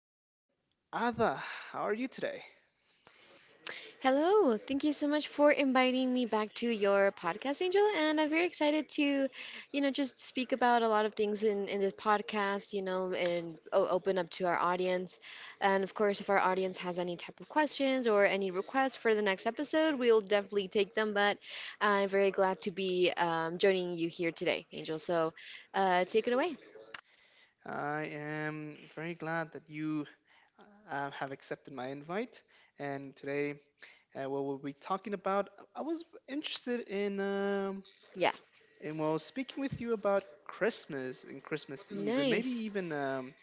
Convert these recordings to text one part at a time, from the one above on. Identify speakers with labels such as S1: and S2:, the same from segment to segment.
S1: guest, Ada. How are you today?
S2: Hello, thank you so much for inviting me back to your podcast, Angel. And I'm very excited to, just speak about a lot of things in this podcast, and open up to our audience. And of course, if our audience has any type of questions or any requests for the next episode, we'll definitely take them. But I'm very glad to be joining you here today, Angel. So take it away.
S1: I am very glad that you have accepted my invite. And today, what we'll be talking about, I was interested
S2: Yeah,
S1: in well, speaking with you about Christmas and Christmas Eve, and maybe
S2: nice.
S1: even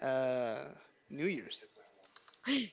S1: uh, New Year's.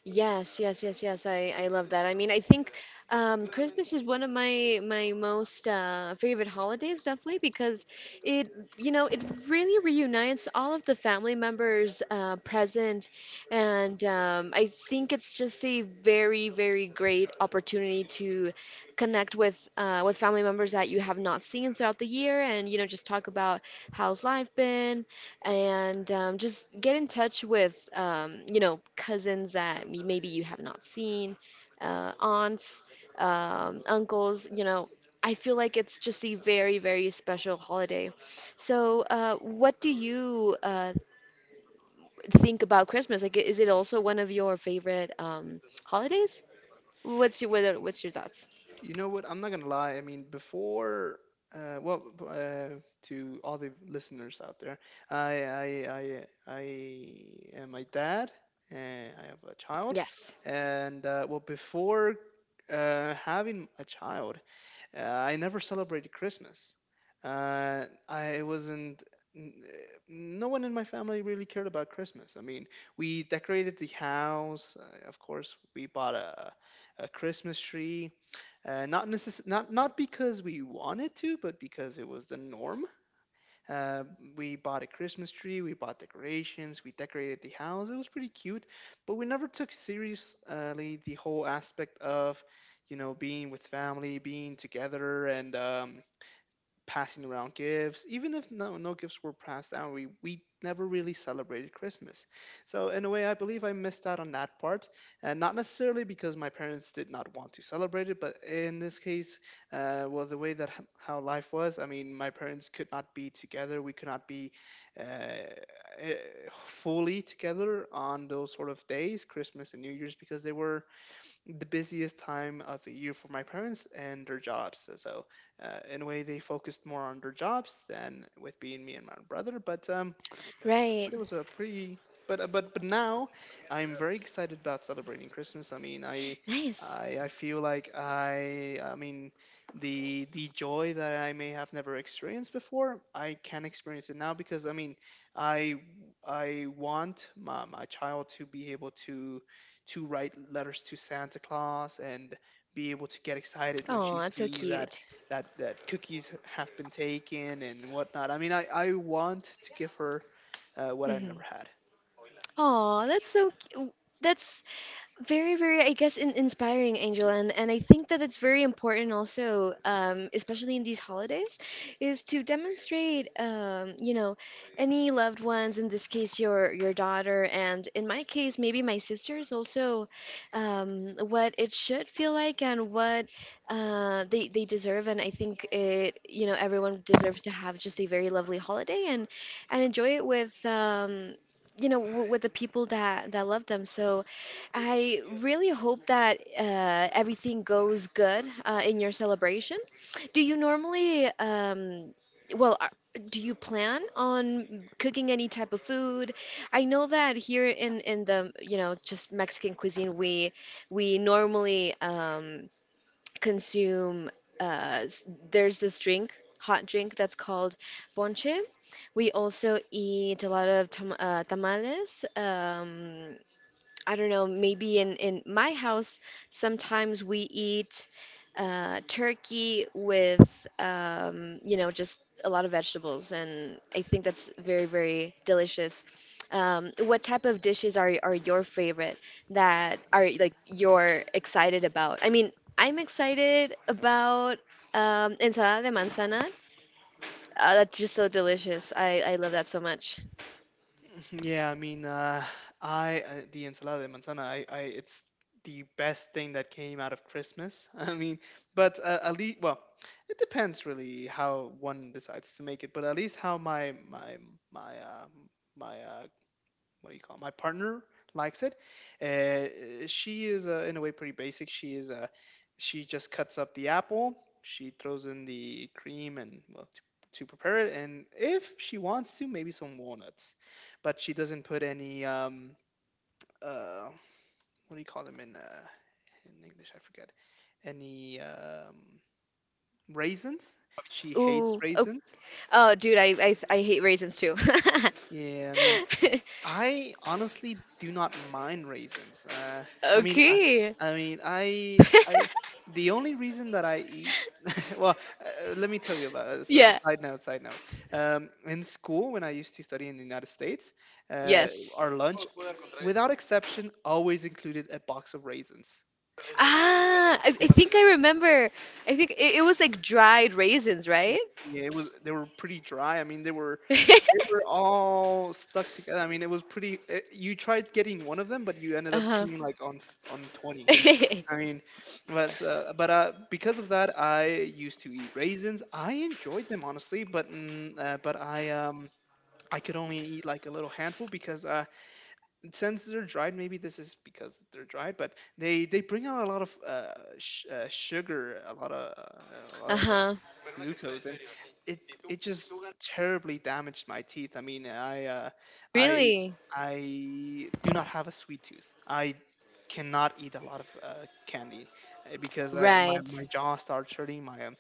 S2: Yes, yes, yes, yes. I love that. I mean, I think Christmas is one of my most favorite holidays, definitely, because it you know it really reunites all of the family members present, and I think it's just a very, very great opportunity to connect with family members that you have not seen throughout the year, and just talk about how's life been, and just get in touch with cousins that maybe you have not seen, aunts, uncles. I feel like it's just a very, very special holiday. So what do you think about Christmas? Like, is it also one of your favorite holidays? What's your thoughts?
S1: You know what? I'm not gonna lie. I mean, before, uh, well, b- uh, to all the listeners out there, I, I, I, I am my dad, and I have a child,
S2: Yes.
S1: and well, before having a child, I never celebrated Christmas. I wasn't. No one in my family really cared about Christmas. I mean, we decorated the house. Of course, we bought a Christmas tree not not because we wanted to, but because it was the norm. Uh, we bought a Christmas tree, we bought decorations, we decorated the house. It was pretty cute, but we never took seriously the whole aspect of, you know, being with family, being together, and passing around gifts. Even if no gifts were passed down, we never really celebrated Christmas. So, in a way, I believe I missed out on that part. And not necessarily because my parents did not want to celebrate it, but in this case, well, the way that how life was, I mean, my parents could not be together. We could not be uh, eh, fully together on those sort of days, Christmas and New Year's, because they were the busiest time of the year for my parents and their jobs. So, in a way, they focused more on their jobs than with being me and my brother.
S2: Right.
S1: But it was a pretty but now I'm very excited about celebrating Christmas. I mean, I
S2: Nice.
S1: I, I feel like I mean the joy that I may have never experienced before, I can experience it now because I mean, I I want my child to be able to write letters to Santa Claus and be able to get excited when
S2: Oh,
S1: she
S2: that's so
S1: sees that
S2: cute.
S1: that that cookies have been taken and whatnot. I mean, I want to give her what I never
S2: Hmm.
S1: had.
S2: oh that's so cu- that's very, very, I guess, in inspiring, Angel, and I think that it's very important also, especially in these holidays, is to demonstrate, any loved ones. In this case, your daughter, and in my case, maybe my sisters also, what it should feel like and what they deserve. And I think it, everyone deserves to have just a very lovely holiday and enjoy it with, you know, w with the people that love them. So, I really hope that everything goes good in your celebration. Do you normally, well, do you plan on cooking any type of food? I know that here in the, just Mexican cuisine, we normally consume uh, s- there's this drink, hot drink that's called ponche. We also eat a lot of tamales. I don't know, maybe in my house, sometimes we eat turkey with, just a lot of vegetables. And I think that's very, very delicious. What type of dishes are your favorite that are like you're excited about? I mean, I'm excited about ensalada de manzana. That's just so delicious. I love that so much.
S1: Yeah, I mean, I the ensalada de manzana. I it's the best thing that came out of Christmas. I mean, but at least well, it depends really how one decides to make it. But at least how my my my my what do you call it? My partner likes it. She is in a way pretty basic. She is she just cuts up the apple. She throws in the cream and to prepare it, and if she wants to, maybe some walnuts, but she doesn't put any uh what do you call them in English? I forget. Any raisins? She hates
S2: Ooh, okay.
S1: raisins.
S2: Oh, dude, I hate raisins too.
S1: Yeah, I mean I honestly do not mind raisins. I mean,
S2: Okay.
S1: I mean, I. The only reason that I eat, well, let me tell you about a
S2: Yeah.
S1: side note. Side note. In school, when I used to study in the United States, uh,
S2: Yes.
S1: our lunch, without exception, always included a box of raisins.
S2: Ah, I
S1: It,
S2: think I remember. I think it was like dried raisins, right?
S1: yeah, it was. They were pretty dry. I mean, they were. They were all stuck together. I mean, it was pretty. You tried getting one of them, but you ended up
S2: Uh-huh.
S1: chewing like on 20. I mean, but because of that, I used to eat raisins. I enjoyed them honestly, but I could only eat like a little handful because since they're dried, maybe this is because they're dried, but they bring out a lot of sugar, a lot of
S2: Uh-huh.
S1: glucose, and it it just terribly damaged my teeth. I mean, I
S2: Really?
S1: I do not have a sweet tooth. I cannot eat a lot of candy because my
S2: Right.
S1: my jaw starts hurting. My um,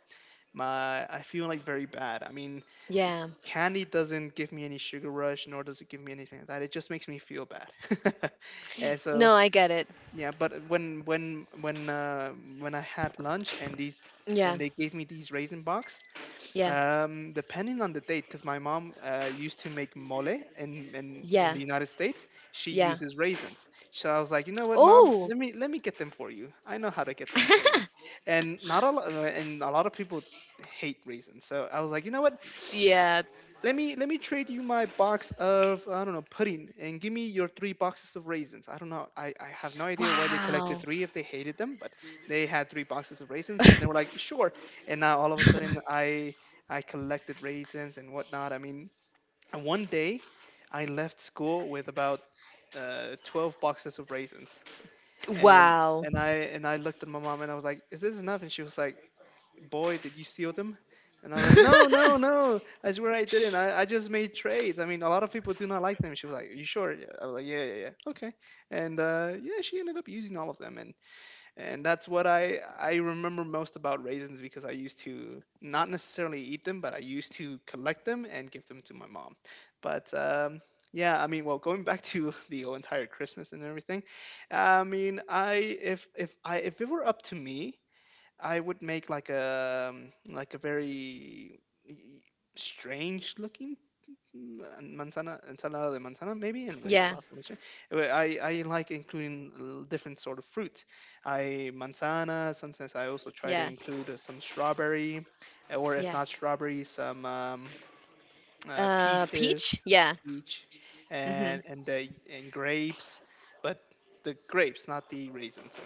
S1: my I feel like very bad. I mean,
S2: Yeah.
S1: candy doesn't give me any sugar rush, nor does it give me anything like that. It just makes me feel bad. And so
S2: No, I get it.
S1: yeah, but when I had lunch and these
S2: Yeah.
S1: and they gave me these raisin box,
S2: Yeah.
S1: depending on the date, because my mom used to make mole in
S2: Yeah.
S1: the United States. She
S2: Yeah.
S1: uses raisins. So I was like, you know what, mom?
S2: Oh.
S1: Let me get them for you. I know how to get them for you. And not a lot, and a lot of people hate raisins. So I was like, you know what?
S2: Yeah.
S1: Let me trade you my box of I don't know pudding and give me your three boxes of raisins. I don't know. I have no idea why they
S2: Wow.
S1: collected three if they hated them, but they had three boxes of raisins and they were like sure. And now all of a sudden I collected raisins and whatnot. I mean, and one day I left school with about 12 boxes of raisins and
S2: Wow.
S1: and I looked at my mom and I was like, is this enough? And she was like boy, did you steal them? And I was like, no, no, no. I swear I didn't. I just made trades. I mean, a lot of people do not like them. She was like, you sure? Yeah. I was like, yeah, yeah, yeah. Okay. And yeah, she ended up using all of them. And that's what I remember most about raisins because I used to not necessarily eat them, but I used to collect them and give them to my mom. But yeah, I mean, well, going back to the entire Christmas and everything, I mean, I if I if it were up to me, I would make like a very strange looking mm, manzana ensalada de manzana, maybe. Anyway,
S2: Yeah.
S1: process I like including different sort of fruit, I manzana sometimes I also try to
S2: Yeah.
S1: include some strawberry or if
S2: Yeah.
S1: not strawberry some peaches,
S2: Peach? Yeah.
S1: peach,
S2: Mm-hmm.
S1: and and the and grapes, but the grapes, not the raisins,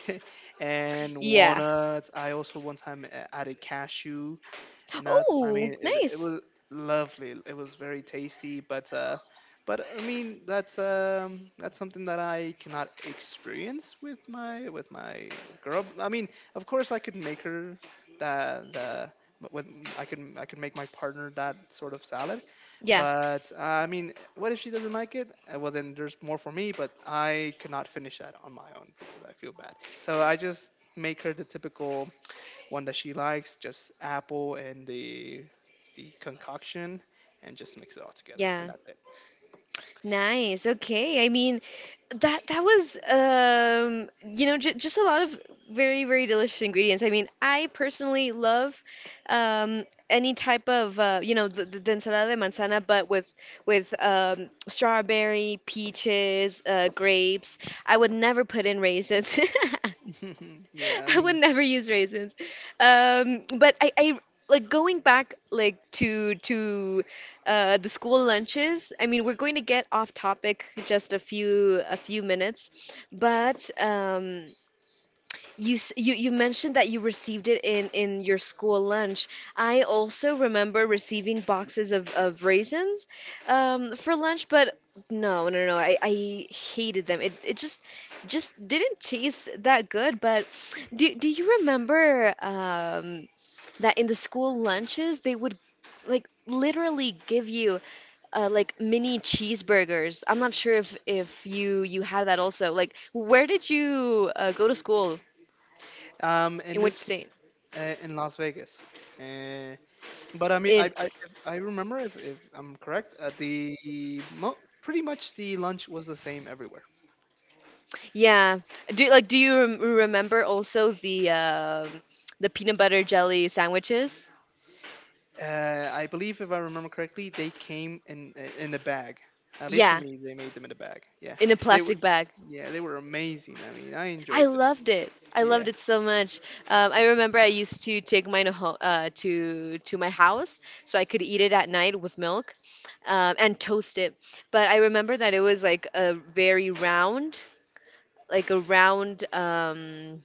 S1: and
S2: Yeah.
S1: walnuts. I also one time added cashew, nuts. I
S2: Oh,
S1: mean, it
S2: nice.
S1: was lovely. It was very tasty, but I mean, that's something that I cannot experience with my girl. I mean, of course, I could make her the but with I can make my partner that sort of salad,
S2: Yeah,
S1: but I mean, what if she doesn't like it? Well, then there's more for me, but I cannot finish that on my own because I feel bad. So I just make her the typical one that she likes, just apple and the concoction, and just mix it all together,
S2: yeah.
S1: and that's
S2: Nice. Okay. I mean, that was you know, j just a lot of very, very delicious ingredients. I mean, I personally love any type of the, the ensalada de manzana, but with strawberry, peaches, grapes. I would never put in raisins.
S1: it. Yeah, I
S2: I would
S1: mean,
S2: never use raisins. But I like going back, like to the school lunches. I mean, we're going to get off topic just a few minutes, but you mentioned that you received it in your school lunch. I also remember receiving boxes of raisins for lunch, but no, no, no. I hated them. It just didn't taste that good. But do you remember that in the school lunches they would like literally give you like mini cheeseburgers? I'm not sure if you had that also. Like, where did you go to school?
S1: um, in
S2: In which
S1: this
S2: state?
S1: in Las Vegas, uh, but I mean,
S2: In
S1: if I remember if I'm correct, pretty much the lunch was the same everywhere.
S2: Yeah. Do Like, do you remember also the peanut butter jelly sandwiches?
S1: I believe if I remember correctly, they came in a bag. At least for
S2: Yeah,
S1: me, they made them in a bag. Yeah,
S2: in a
S1: they were,
S2: plastic bag.
S1: yeah, they were amazing. I mean, I
S2: I
S1: enjoyed them.
S2: loved it. I
S1: Yeah.
S2: loved it so much. I remember I used to take mine home, to my house so I could eat it at night with milk, and toast it. But I remember that it was like a very round, like a round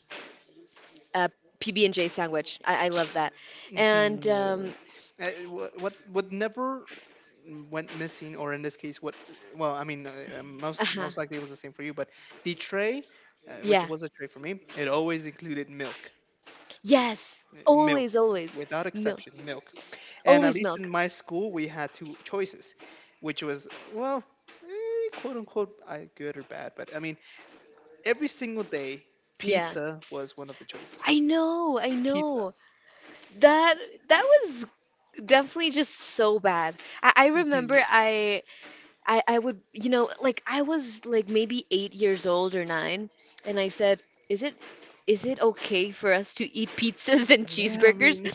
S2: uh, PB and J sandwich. I love that. And
S1: Hmm. Yeah, they were what would never went missing, or in this case, what well, I mean,
S2: uh-huh.
S1: most likely it was the same for you, but the tray, which
S2: Yeah.
S1: was a tray for me, it always included milk.
S2: Yes,
S1: Milk,
S2: always, always
S1: without
S2: milk,
S1: exception, milk. And at
S2: always
S1: least in
S2: milk.
S1: my school, we had two choices, which was quote unquote, good or bad, but I mean, every single day,
S2: Yeah,
S1: pizza was one of the choices.
S2: I know, I
S1: Pizza.
S2: know. That that was definitely just so bad. I
S1: Hmm.
S2: remember I would, like, I was like maybe 8 years old or nine, and I said, is it okay for us to eat pizzas and
S1: Yeah, I
S2: cheeseburgers?
S1: mean,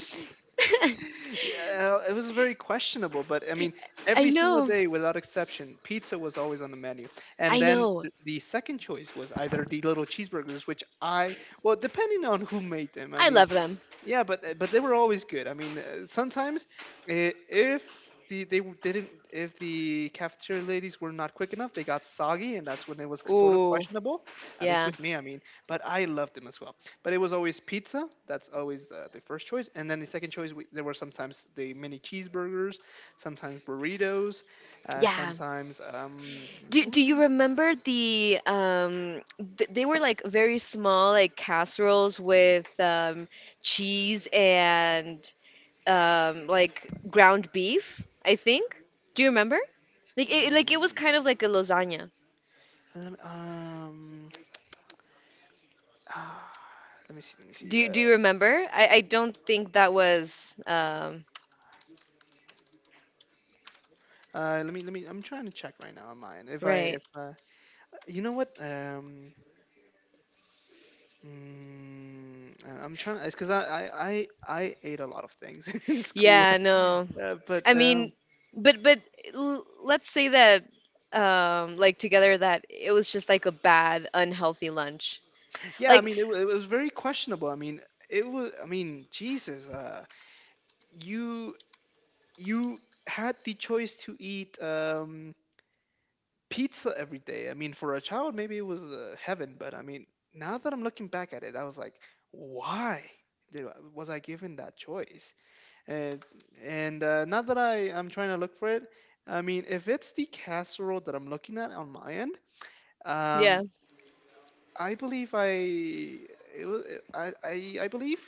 S1: yeah, it was very questionable, but I mean,
S2: I
S1: every single
S2: know,
S1: day without exception, pizza was always on the menu. And
S2: I
S1: then
S2: know.
S1: the second choice was either the little cheeseburgers, which I, well, depending on who made them, I
S2: I
S1: mean,
S2: love them.
S1: yeah, but but they were always good. I mean, sometimes if the they w- didn't if the cafeteria ladies were not quick enough, they got soggy, and that's when it was sort of
S2: Ooh,
S1: questionable. At least
S2: yeah,
S1: with me, I mean. But I loved them as well. But it was always pizza. That's always the first choice, and then the second choice there were sometimes the mini cheeseburgers, sometimes burritos,
S2: yeah.
S1: sometimes
S2: Do
S1: what
S2: do
S1: was it?
S2: you remember they were like very small, like casseroles with cheese and like ground beef, I think. Do you remember? Like it was kind
S1: Mm,
S2: of like a lasagna.
S1: lem- um ah, let me see. Let me see.
S2: Do you remember? I don't think that was
S1: Let me let me. I'm trying to check right now on mine. If I
S2: right.
S1: if You know what. I'm trying, it's because I ate a lot of things in school.
S2: Yeah, no. I
S1: But
S2: mean, but l let's say that like together that it was just like a bad unhealthy lunch.
S1: Yeah, I
S2: Like,
S1: mean, it was very questionable. I mean, it was, I mean, Jesus, you, you had the choice to eat pizza every day. I mean, for a child, maybe it was heaven, but I mean, now that I'm looking back at it, I was like, why did, was I given that choice? And and not that I'm trying to look for it. I mean, if it's the casserole that I'm looking at on my end,
S2: yeah.
S1: um, I believe I it was I believe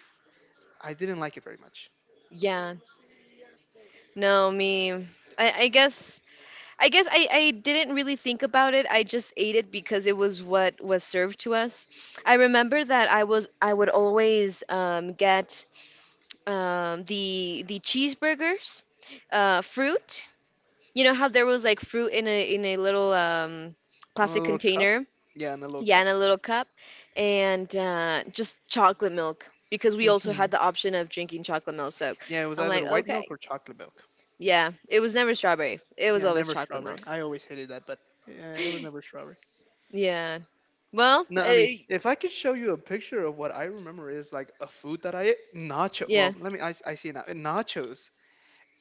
S1: I didn't like it very much.
S2: Yeah, no, me. I guess I didn't really think about it. I just ate it because it was what was served to us. I remember that I would always get the cheeseburgers, fruit. You know how there was like fruit in a little
S1: And a
S2: plastic
S1: little cup,
S2: container,
S1: yeah, and a little
S2: yeah,
S1: cup.
S2: in a little cup, and just chocolate milk because we also
S1: Hmm.
S2: had the option of drinking chocolate milk. So
S1: Yeah, it was
S2: I'm
S1: either
S2: like,
S1: white milk
S2: okay.
S1: or chocolate milk.
S2: Yeah, it was never strawberry. It was
S1: Yeah,
S2: always
S1: never
S2: chocolate milk.
S1: strawberry. I always hated that, but uh, it was never strawberry.
S2: Yeah. Well,
S1: No, I mean,
S2: I,
S1: if I could show you a picture of what I remember is like a food that I ate, nacho.
S2: yeah.
S1: Well, let me. I see it now. Nachos.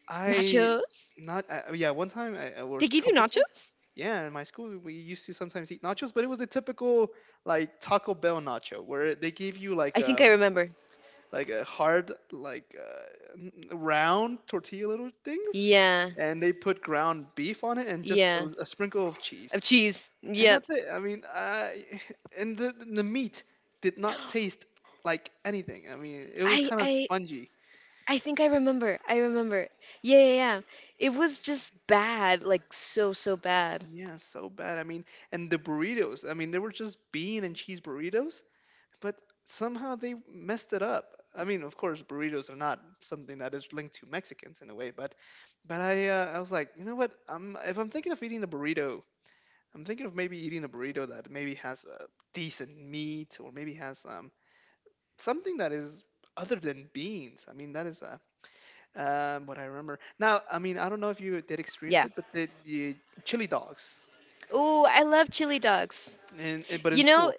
S1: I
S2: Nachos?
S1: not Yeah. One time I, or a
S2: They gave you
S1: couple times.
S2: nachos?
S1: Yeah, in my school we used to sometimes eat nachos, but it was a typical like Taco Bell nacho where they gave you like
S2: I think I
S1: a
S2: remember.
S1: like a hard like round tortilla little things,
S2: Yeah.
S1: and they put ground beef on it and just a,
S2: Yeah.
S1: a sprinkle of
S2: Of
S1: cheese,
S2: cheese.
S1: and
S2: Yep.
S1: that's it. I mean, I and the meat did not taste like anything. I mean, it was
S2: I
S1: kind of
S2: I
S1: spongy.
S2: I think I remember. I remember. Yeah, yeah, yeah. It was just bad, like so, so bad.
S1: Yeah, so bad. I mean, and the burritos. I mean, they were just bean and cheese burritos, but somehow they messed it up. I mean, of course, burritos are not something that is linked to Mexicans in a way, but I was like, you know what? I'm If I'm thinking of eating a burrito, I'm thinking of maybe eating a burrito that maybe has decent meat or maybe has something that is other than beans. I mean, that is what I remember. Now, I mean, I don't know if you did experience
S2: Yeah.
S1: it, but the chili dogs.
S2: Oh, I love chili dogs.
S1: And, but in
S2: You know,
S1: school,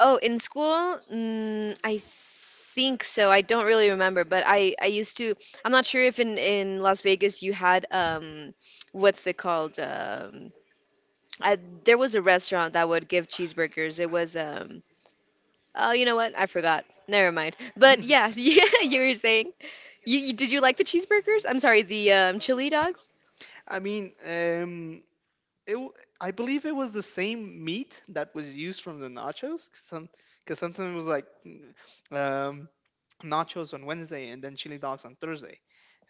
S2: Oh, in school, mm, I think so. I don't really remember, but I used to. I'm not sure if in Las Vegas you had what's it called? I, there was a restaurant that would give cheeseburgers. It was. Oh, you know what? I forgot. Never mind. But yeah, yeah, you were saying. You did you like the cheeseburgers? I'm sorry, the chili dogs.
S1: I mean, it, w- I believe it was the same meat that was used from the nachos. Because sometimes it was like um, nachos on Wednesday and then chili dogs on Thursday.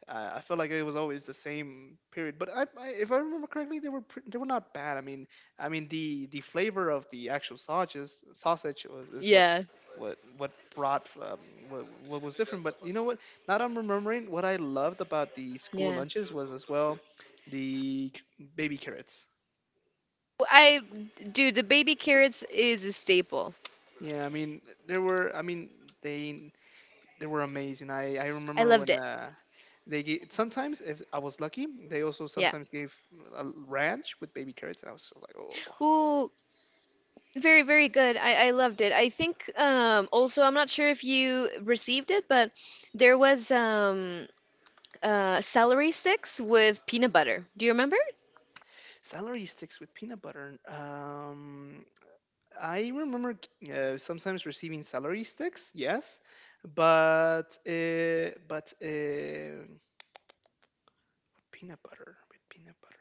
S1: I felt like it was always the same period, but if I remember correctly, they were not bad. I mean, the flavor of the actual sausage was is what
S2: Yeah,
S1: what what brought what was different. But you know what? Now that I'm remembering, what I loved about the school
S2: yeah.
S1: lunches was as well the baby carrots.
S2: I Dude, the baby carrots is a staple.
S1: Yeah, I mean there were. I mean they they were amazing. I
S2: I
S1: remember
S2: loved
S1: when
S2: it.
S1: they gave, sometimes if I was lucky, they also
S2: Yeah.
S1: sometimes gave a ranch with baby carrots, and I was just like, oh,
S2: Ooh. Very, very good. I loved it. I think also, I'm not sure if you received it, but there was celery sticks with peanut butter. Do you remember?
S1: celery sticks with peanut butter. I remember sometimes receiving celery sticks, yes, but peanut butter with peanut butter.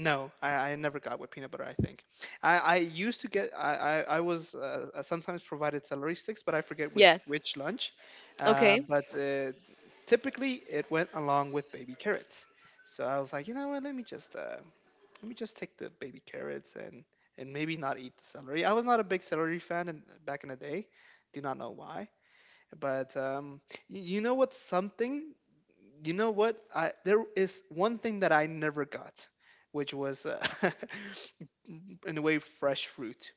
S1: No, I never got with peanut butter. I think I used to get I was sometimes provided celery sticks, but I forget with
S2: Yeah.
S1: which lunch.
S2: Okay.
S1: But Typically, it went along with baby carrots. So I was like, you know what? Let me just take the baby carrots and maybe not eat the celery. I was not a big celery fan back in the day. Do not know why. But y- you know what's something you know what? I There is one thing that I never got, which was in a way fresh fruit.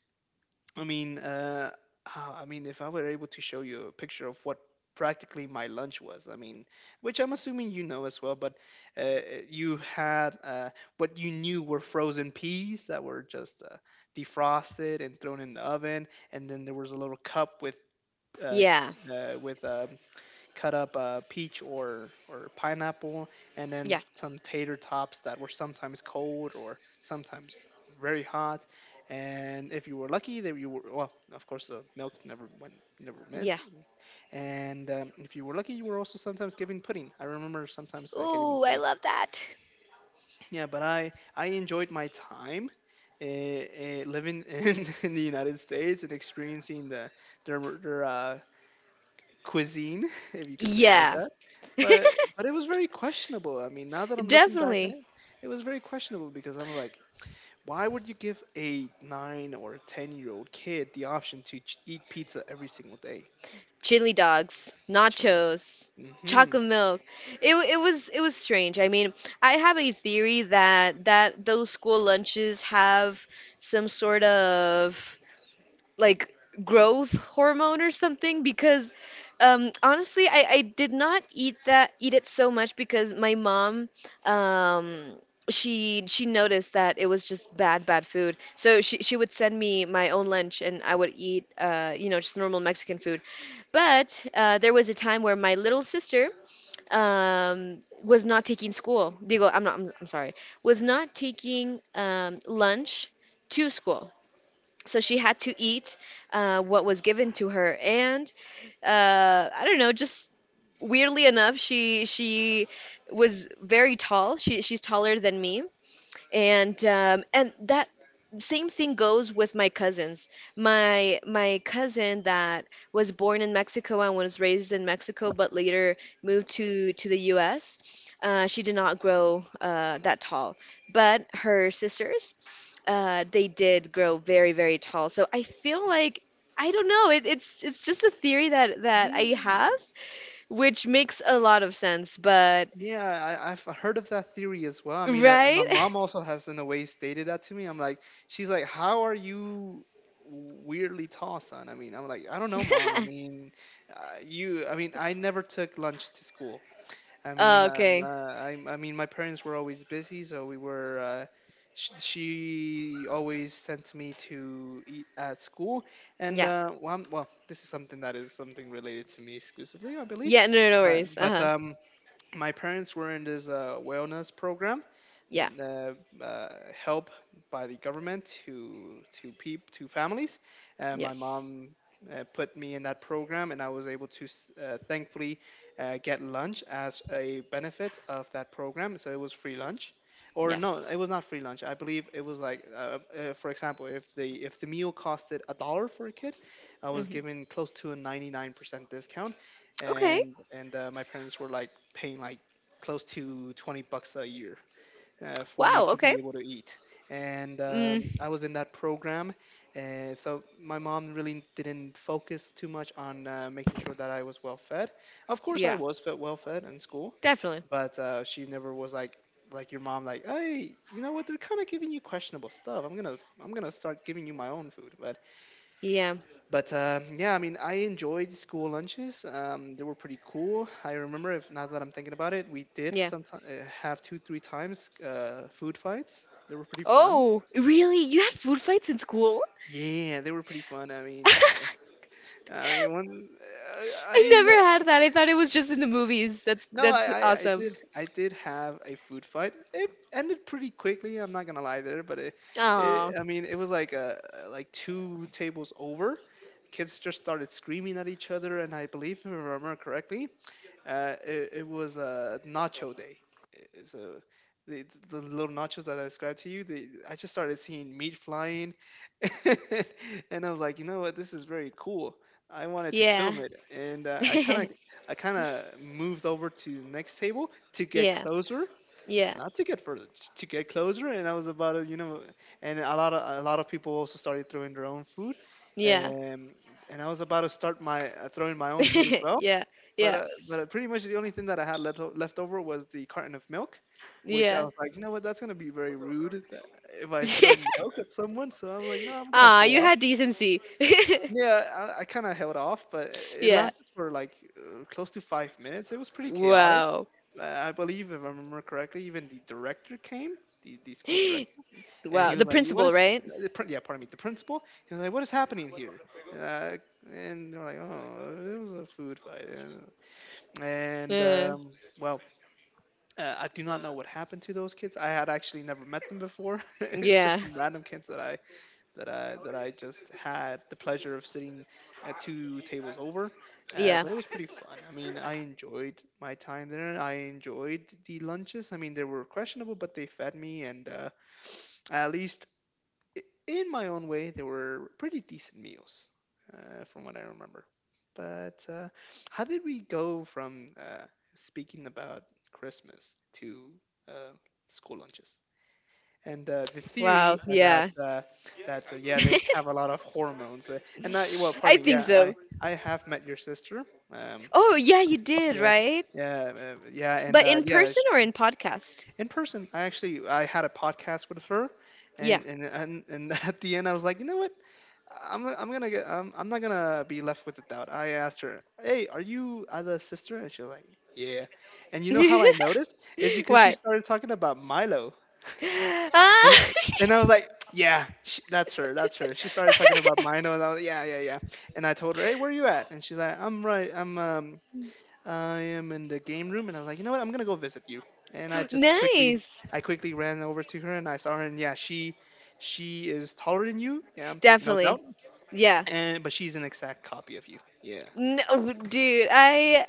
S1: I mean, uh, I mean, if I were able to show you a picture of what practically my lunch was, I mean, which I'm assuming you know as well, but uh, you had what you knew were frozen peas that were just defrosted and thrown in the oven, and then there was a little cup uh,
S2: Yeah.
S1: with cut up peach or pineapple, and then
S2: Yeah.
S1: some tater tops that were sometimes cold or sometimes very hot. And if you were lucky, that you were, well, of course, the milk never
S2: Yeah.
S1: missed. And if you were lucky, you were also sometimes given pudding. I remember sometimes getting
S2: Ooh, I
S1: pudding.
S2: love that.
S1: Yeah, but I enjoyed my time. Living in the United States and experiencing their cuisine, if you could say it like
S2: Yeah.
S1: that. But it was very questionable. I mean, now that I'm looking back at
S2: Definitely.
S1: it, it was very questionable because I'm like, why would you give a 9 or a 10-year old kid the option to eat pizza every single day?
S2: Chili dogs,
S1: Chili.
S2: nachos,
S1: Mm-hmm.
S2: chocolate milk. It was strange. I mean, I have a theory that those school lunches have some sort of like growth hormone or something because honestly, I did not eat that eat it so much because my mom um, she noticed that it was just bad food, so she would send me my own lunch and I would eat just normal Mexican food. But there was a time where my little sister was not taking school, digo, I'm sorry, was not taking lunch to school, so she had to eat what was given to her. And I don't know, just weirdly enough, she was very tall, she's taller than me, and that same thing goes with my cousins. My cousin that was born in Mexico and was raised in Mexico but later moved to the US, she did not grow that tall, but her sisters, they did grow very, very tall. So I feel like, I don't know. It's just a theory that I have,
S1: Yeah.
S2: which makes a lot of sense. But
S1: Yeah, I've heard of that theory as well. I mean, my
S2: right?
S1: mom also has, in a way, stated that to me. I'm like, she's like, how are you weirdly tall, son? I mean, I'm like, I don't know, mom. I mean, I mean, I never took lunch to school. I mean,
S2: Okay.
S1: I mean, my parents were always busy, so we were. She always sent me to eat at school, and
S2: Yeah.
S1: well, well, this is something that is something related to me exclusively, I believe.
S2: Yeah. No. No
S1: But
S2: worries. Uh
S1: but
S2: huh.
S1: um, my parents were in this wellness program
S2: Yeah.
S1: uh, uh, help by the government to peep to families, and my
S2: Yes.
S1: mom put me in that program, and I was able to thankfully get lunch as a benefit of that program. So it was free lunch, or no,
S2: Yes.
S1: it was not free lunch, I believe it was like, for example, if the meal costed a dollar for a kid, I was
S2: Hmm.
S1: given close to a 99% discount.
S2: Okay.
S1: And my parents were like paying like close to 20 bucks a year for me
S2: Wow.
S1: to
S2: Okay.
S1: be able to eat. and
S2: Mm.
S1: um, I was in that program, and so my mom really didn't focus too much on making sure that I was well fed. Of course, I
S2: Yeah.
S1: was fed well fed in school,
S2: Definitely.
S1: but she never was like your mom, like, hey, you know what, they're kind of giving you questionable stuff, I'm gonna start giving you my own food. but
S2: Yeah.
S1: but um, yeah, I mean, I enjoyed school lunches. They were pretty cool. I remember, if now that I'm thinking about it, we did
S2: Yeah.
S1: sometimes have two, three times food fights. They were pretty fun.
S2: Oh, really? You had food fights in school?
S1: Yeah, they were pretty fun. I mean, uh, I mean, one,
S2: I
S1: I
S2: never had that. I thought it was just in the movies. That's
S1: no,
S2: that's awesome.
S1: I did have a food fight. It ended pretty quickly. I'm not gonna lie there, but it
S2: Oh,
S1: I mean, it was like two tables over. Kids just started screaming at each other, and I believe, if I remember correctly, it was a nacho day. So the little nachos that I described to you, I just started seeing meat flying, and I was like, you know what, this is very cool. I wanted to
S2: yeah.
S1: film it, and I kind of moved over to the next table to get
S2: Yeah.
S1: closer,
S2: Yeah.
S1: not to get further, to get closer. And I was about to, you know, and a lot of people also started throwing their own food,
S2: Yeah.
S1: and and I was about to start my throwing my own food as well,
S2: Yeah. Yeah.
S1: but pretty much the only thing that I had left over was the carton of milk, which I
S2: Yeah.
S1: was like, you know what, that's gonna be very rude that if I throw milk at someone. So I was like, no, I'm gonna
S2: Ah, you
S1: hold off.
S2: had decency.
S1: Yeah, I kind of held off, but it
S2: Yeah.
S1: lasted for close to 5 minutes. It was pretty chaotic.
S2: Wow.
S1: I believe, if I remember correctly, even the director came, the school director, and
S2: Wow.
S1: he
S2: The
S1: was like, "What
S2: principal,
S1: is?"
S2: right?
S1: Yeah, pardon me, the principal. He was like, "What is happening here?" Uh, and they're like, "Oh, it was a food fight." And and
S2: Yeah.
S1: um, well, I do not know what happened to those kids. I had actually never met them before.
S2: Yeah.
S1: Just some random kids that I just had the pleasure of sitting two tables over.
S2: Yeah.
S1: But it was pretty fun. I mean, I enjoyed my time there. I enjoyed the lunches. I mean, they were questionable, but they fed me, and at least in my own way, they were pretty decent meals, from what I remember. But how did we go from speaking about Christmas to uh, school lunches? And the
S2: Wow.
S1: theory that
S2: Yeah.
S1: yeah, they have a lot of hormones. And I, well, pardon
S2: I
S1: me.
S2: think
S1: Yeah,
S2: so.
S1: I have met your sister. Um,
S2: Oh, yeah, you did,
S1: yeah,
S2: right?
S1: yeah, and
S2: But in
S1: yeah.
S2: person or in podcast?
S1: In person. I had a podcast with her,
S2: Yeah.
S1: and at the end I was like, you know what? I'm not gonna be left with a doubt. I asked her, hey, are you Ada's sister? And she was like, yeah. And you know how I noticed is because she
S2: Why?
S1: started talking about Milo,
S2: Ah,
S1: and and I was like, yeah, sh that's her, that's her. She started talking about Milo, and I was yeah, yeah, yeah. And I told her, hey, where are you at? And she's like, I'm I am in the game room, and I was like, you know what? I'm gonna go visit you. And I just quickly,
S2: nice.
S1: I quickly ran over to her, and I saw her, and yeah, she is taller than you, yeah, no doubt.
S2: Definitely. Yeah.
S1: And but she's an exact copy of you, yeah.
S2: No, dude, I,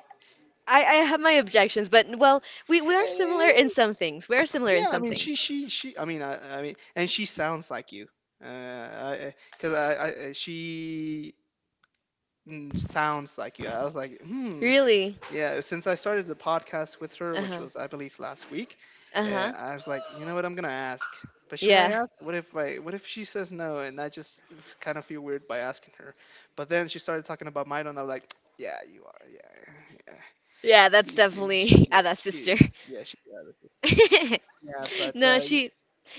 S2: I have my objections, but well, we are similar in
S1: Eh,
S2: some things. We are similar in
S1: yeah, I
S2: some
S1: mean,
S2: things.
S1: she. And she sounds like you, because sounds like you. I was like, hmm.
S2: Really?
S1: Yeah, since I started the podcast with her, which
S2: Uh-huh.
S1: was I believe last week,
S2: Uh-huh.
S1: I was like, you know what, I'm gonna ask. But should I
S2: Yeah.
S1: ask? What if I? What if she says no, and I just kind of feel weird by asking her? But then she started talking about Milo, and I'm like, yeah, you are, yeah, yeah.
S2: Yeah, that's
S1: She's
S2: definitely
S1: your,
S2: Ada's sister.
S1: she, yeah, she's your other sister. Yeah, but
S2: No, she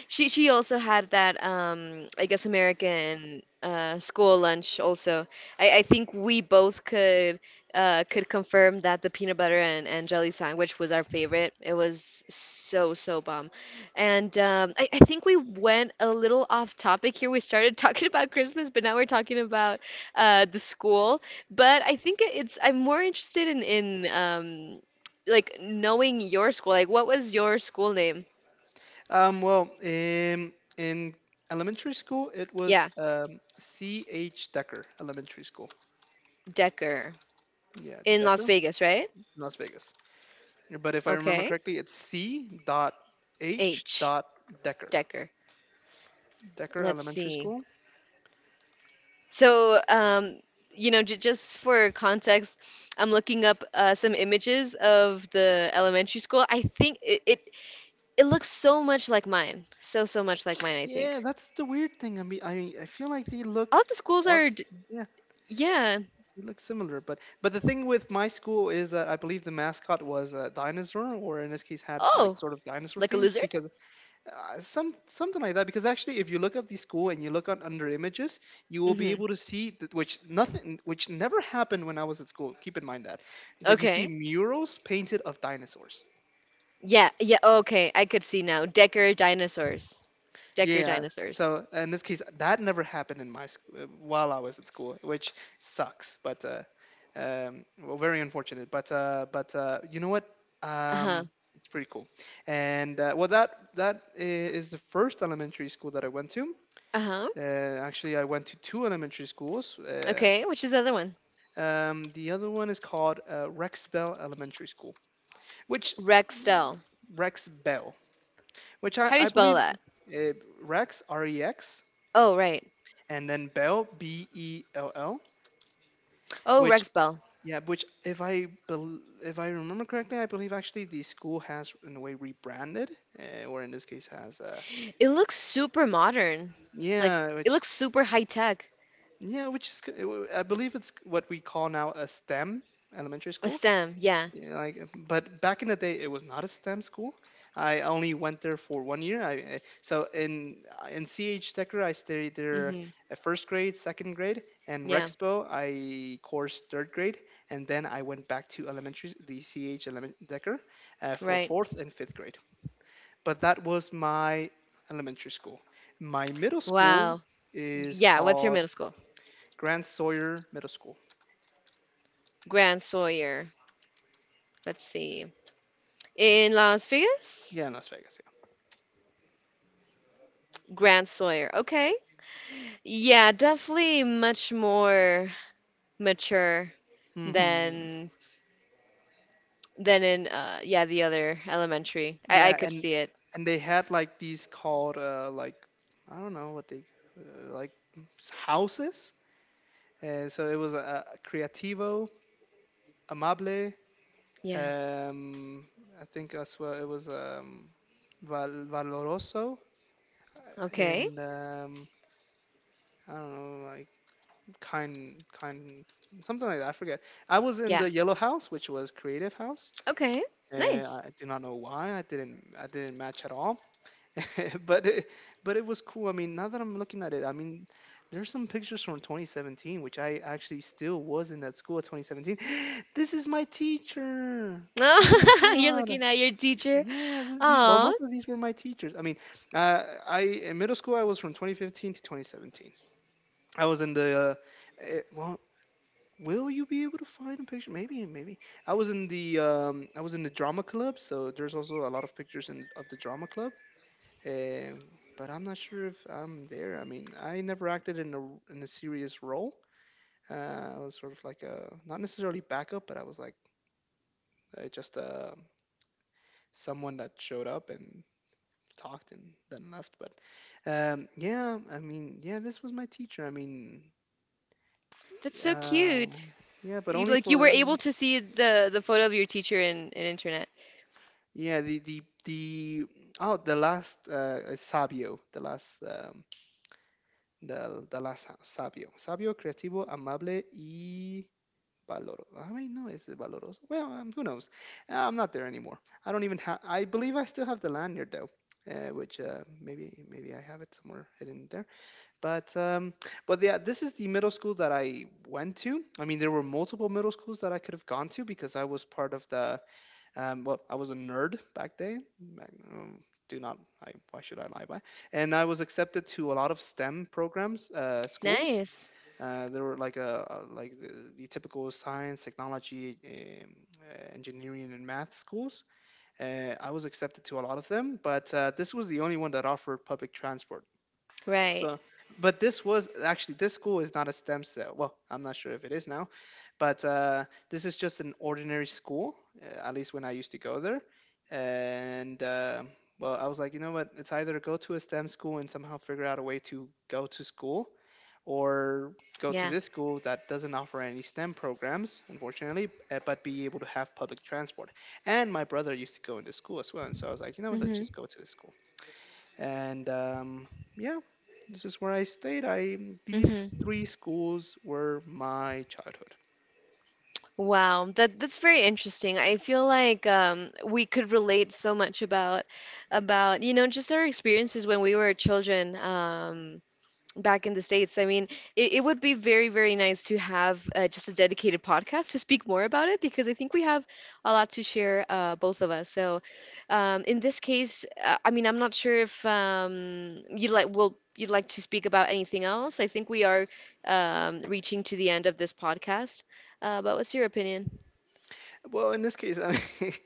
S2: she also had that I guess American school lunch also. I think we both could confirm that the peanut butter and jelly sandwich was our favorite. It was so bomb. And I think we went a little off topic here. We started talking about Christmas, but now we're talking about the school. But I think it's I'm more interested in in like knowing your school. Like what was your school name?
S1: well, in elementary school, it
S2: Yeah,
S1: was C H Decker Elementary School.
S2: Decker.
S1: Yeah,
S2: In Las
S1: Decker,
S2: Vegas, right?
S1: Las Vegas. But if I remember
S2: Okay.
S1: correctly, it's C dot H
S2: H.
S1: dot Decker.
S2: Decker.
S1: Decker
S2: Let's
S1: Elementary
S2: see.
S1: School.
S2: So, um, j just for context, I'm looking up some images of the elementary school. I think it looks so much like mine. So much like mine, I think.
S1: Yeah, that's the weird thing. I mean, I feel like they look,
S2: All of the schools
S1: odd-
S2: are,
S1: yeah,
S2: yeah.
S1: they look similar. But the thing with my school is that I believe the mascot was a dinosaur, or in this case, had like
S2: Oh,
S1: sort of dinosaur
S2: like a
S1: themes
S2: lizard?
S1: because something like that, because actually if you look up the school and you look on under images you will be
S2: Mm-hmm.
S1: able to see that, which nothing which never happened when I was at school. Keep in mind that, but you see
S2: Okay.
S1: murals painted of dinosaurs.
S2: Yeah, yeah, okay. I could see now. Decker dinosaurs. Decker
S1: Yeah,
S2: dinosaurs.
S1: so in this case that never happened in while I was at school, which sucks. But well Very unfortunate, but you know what,
S2: Uh-huh.
S1: um it's pretty cool. And well is the first elementary school that I went to.
S2: Uh-huh.
S1: Actually, I went to two elementary schools.
S2: Okay, which is the other one?
S1: The other one is called Rex Bell Elementary School, which
S2: Rexdale.
S1: Rex Bell, which
S2: How do you
S1: I
S2: spell
S1: believe,
S2: that?
S1: uh, Rex R E X
S2: Oh, right.
S1: and then Bell B E L L,
S2: Oh,
S1: which
S2: Rex Bell.
S1: yeah, which if I remember correctly, I believe actually the school has in a way rebranded, or in this case has
S2: It looks super modern. Like
S1: yeah,
S2: it
S1: which
S2: looks super high tech.
S1: yeah, which is I believe it's what we call now a STEM elementary
S2: A
S1: school.
S2: STEM, yeah.
S1: Yeah, like, but back in the day, it was not a STEM school. I only went there for 1 year. So in CH Decker, I stayed there
S2: hmm
S1: at first grade, second grade, and
S2: Yeah,
S1: Rexpo, I coursed third grade, and then I went back to elementary, the CH element Decker, for
S2: right.
S1: fourth and fifth grade. But that was my elementary school. My middle school
S2: Wow.
S1: is
S2: Yeah, what's your
S1: called
S2: middle school?
S1: Grand Sawyer Middle School.
S2: Grand Sawyer. Let's see. In Las Vegas?
S1: Yeah, in Las Vegas.
S2: Grand Sawyer. Okay. Yeah, definitely much more mature
S1: Yeah. Hmm.
S2: than than in yeah, the other elementary. I
S1: Yeah,
S2: could see it.
S1: and they had like these called like, I don't know what they, uh, like houses. So it was a creativo, amable.
S2: Yeah.
S1: Um, I think as well it was valoroso,
S2: Okay.
S1: and I don't know, like kind, something like that. I forget. I was in
S2: Yeah.
S1: the yellow house, which was creative house,
S2: Okay.
S1: and
S2: Nice.
S1: I do not know why I didn't match at all. But it, but it was cool. I mean, now that I'm looking at it, I mean, there's some pictures from 2017, which I actually still was in that school at 2017. This is my teacher. Oh my
S2: Oh, you're
S1: God.
S2: looking at your teacher.
S1: Yeah. Well,
S2: Oh,
S1: most of these were my teachers. I mean, I in middle school I was from 2015 to 2017. I was in the well. Will you be able to find a picture? Maybe, maybe. I was in the I was in the drama club, so there's also a lot of pictures in of the drama club. Um, but I'm not sure if I'm there. I mean, I never acted in a serious role. I was sort of like a not necessarily backup, but I was like just someone that showed up and talked and then left. But yeah, I mean, yeah, this was my teacher. I mean,
S2: that's so
S1: uh,
S2: cute.
S1: yeah, but
S2: You,
S1: only
S2: you were
S1: for
S2: able to see the photo of your teacher in internet.
S1: yeah the the the oh the last sabio, the last the sabio, sabio creativo amable y Valor. I mean, no, is it Valoroso? Well, who knows? I'm not there anymore. I don't even have. I believe I still have the lanyard though, which maybe maybe I have it somewhere hidden there. But um, but yeah, this is the middle school that I went to. I mean, there were multiple middle schools that I could have gone to because I was part of the. Well, I was a nerd back then. Do not. I, why should I lie? Why? And I was accepted to a lot of STEM programs, schools.
S2: Nice.
S1: There were like the typical science, technology, um, engineering, and math schools. I was accepted to a lot of them, but this was the only one that offered public transport.
S2: Right.
S1: So, but this was actually this school is not a STEM cell. Well, I'm not sure if it is now, but this is just an ordinary school, at least when I used to go there. And well, I was like, you know what? It's either go to a STEM school and somehow figure out a way to go to school, or go to
S2: Yeah.
S1: this school that doesn't offer any STEM programs, unfortunately, but be able to have public transport. And my brother used to go into school as well. And so I was like, you know what? Let's
S2: Mhm.
S1: just go to this school. And yeah, this is where I stayed. I These three
S2: Mhm.
S1: schools were my childhood.
S2: Wow, that's very interesting. I feel like we could relate so much about just our experiences when we were children. Back in the States. I mean, it would be very, very nice to have just a dedicated podcast to speak more about it because I think we have a lot to share, both of us. So, in this case, I mean, I'm not sure if you'd like will you'd like to speak about anything else. I think we are reaching to the end of this podcast. But what's your opinion?
S1: Well, in this case, I mean,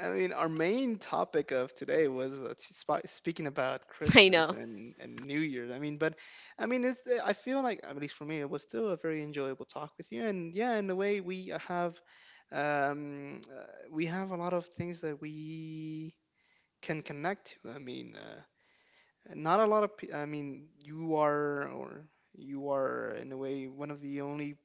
S1: I mean, our main topic of today was speaking about
S2: I
S1: Christmas
S2: know.
S1: and New Year's. I mean, but I mean, I feel like, at least for me, it was still a very enjoyable talk with you. And yeah, in a way, um, uh, we have a lot of things that we can connect to. I mean, not a lot of. I mean, you are in a way one of the only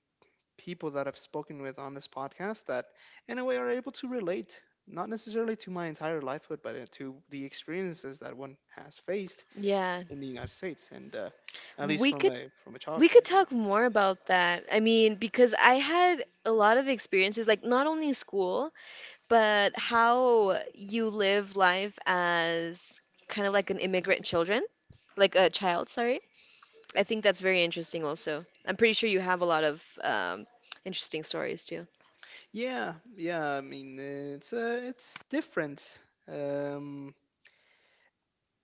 S1: people that I've spoken with on this podcast that, in a way, are able to relate, not necessarily to my entire lifehood, but to the experiences that one has faced
S2: Yeah,
S1: in the United States, and at least
S2: we could
S1: from a child point of view.
S2: talk more about that. I mean, because I had a lot of experiences, like not only in school, but how you live life as kind of like an immigrant children, like a child, sorry. I think that's very interesting also. I'm pretty sure you have a lot of interesting stories too.
S1: Yeah, yeah. I mean, it's different. Um,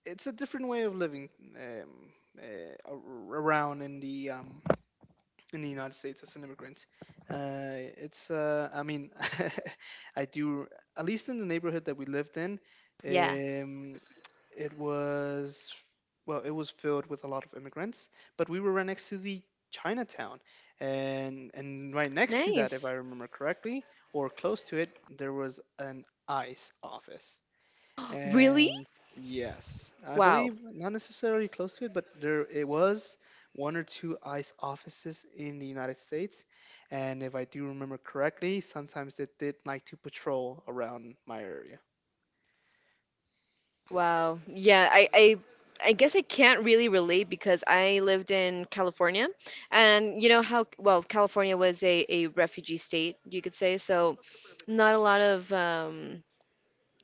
S1: it's a different way of living um, around in the United States as an immigrant. I mean, I do, at least in the neighborhood that we lived in,
S2: Yeah.
S1: um, it was, well, it was filled with a lot of immigrants, but we were right next to the Chinatown. And right next to that, if
S2: Nice.
S1: I remember correctly, or close to it, there was an ICE office.
S2: Really?
S1: And yes, I
S2: Wow.
S1: believe not necessarily close to it, but there it was one or two ICE offices in the United States. And if I do remember correctly, sometimes they did like to patrol around my area.
S2: Wow. Yeah, I guess I can't really relate because I lived in California and you know how well California was a refugee state, you could say, so not a lot of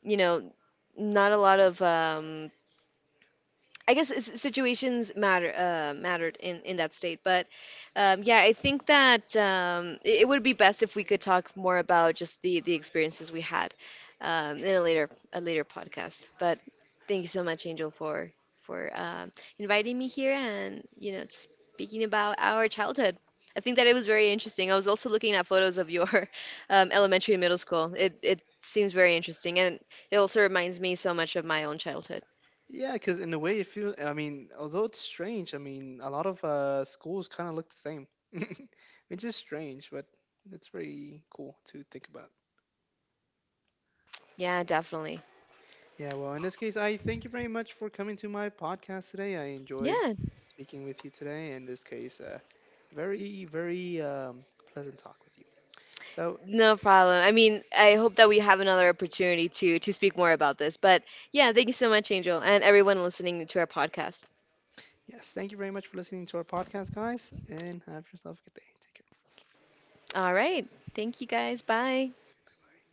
S2: you know, not a lot of I guess s- situations matter mattered in that state, but yeah, I think that it would be best if we could talk more about just the experiences we had in a later podcast. But thank you so much, Angel, for for um, inviting me here and you know speaking about our childhood. I think that it was very interesting. I was also looking at photos of your elementary and middle school. It seems very interesting, and it also reminds me so much of my own childhood.
S1: Yeah, because in a way, it feels, I mean, although it's strange, I mean, a lot of schools kind of look the same, which is strange, but it's very cool to think about.
S2: Yeah, definitely.
S1: Yeah, well, in this case, I thank you very much for coming to my podcast today. I enjoyed
S2: Yeah,
S1: speaking with you today. In this case, very, very pleasant talk with you. So,
S2: no problem. I mean, I hope that we have another opportunity to speak more about this. But yeah, thank you so much, Angel, and everyone listening to our podcast.
S1: yes, thank you very much for listening to our podcast, guys, and have yourself a good day. Take care.
S2: All right. Thank you guys. Bye.
S1: Bye.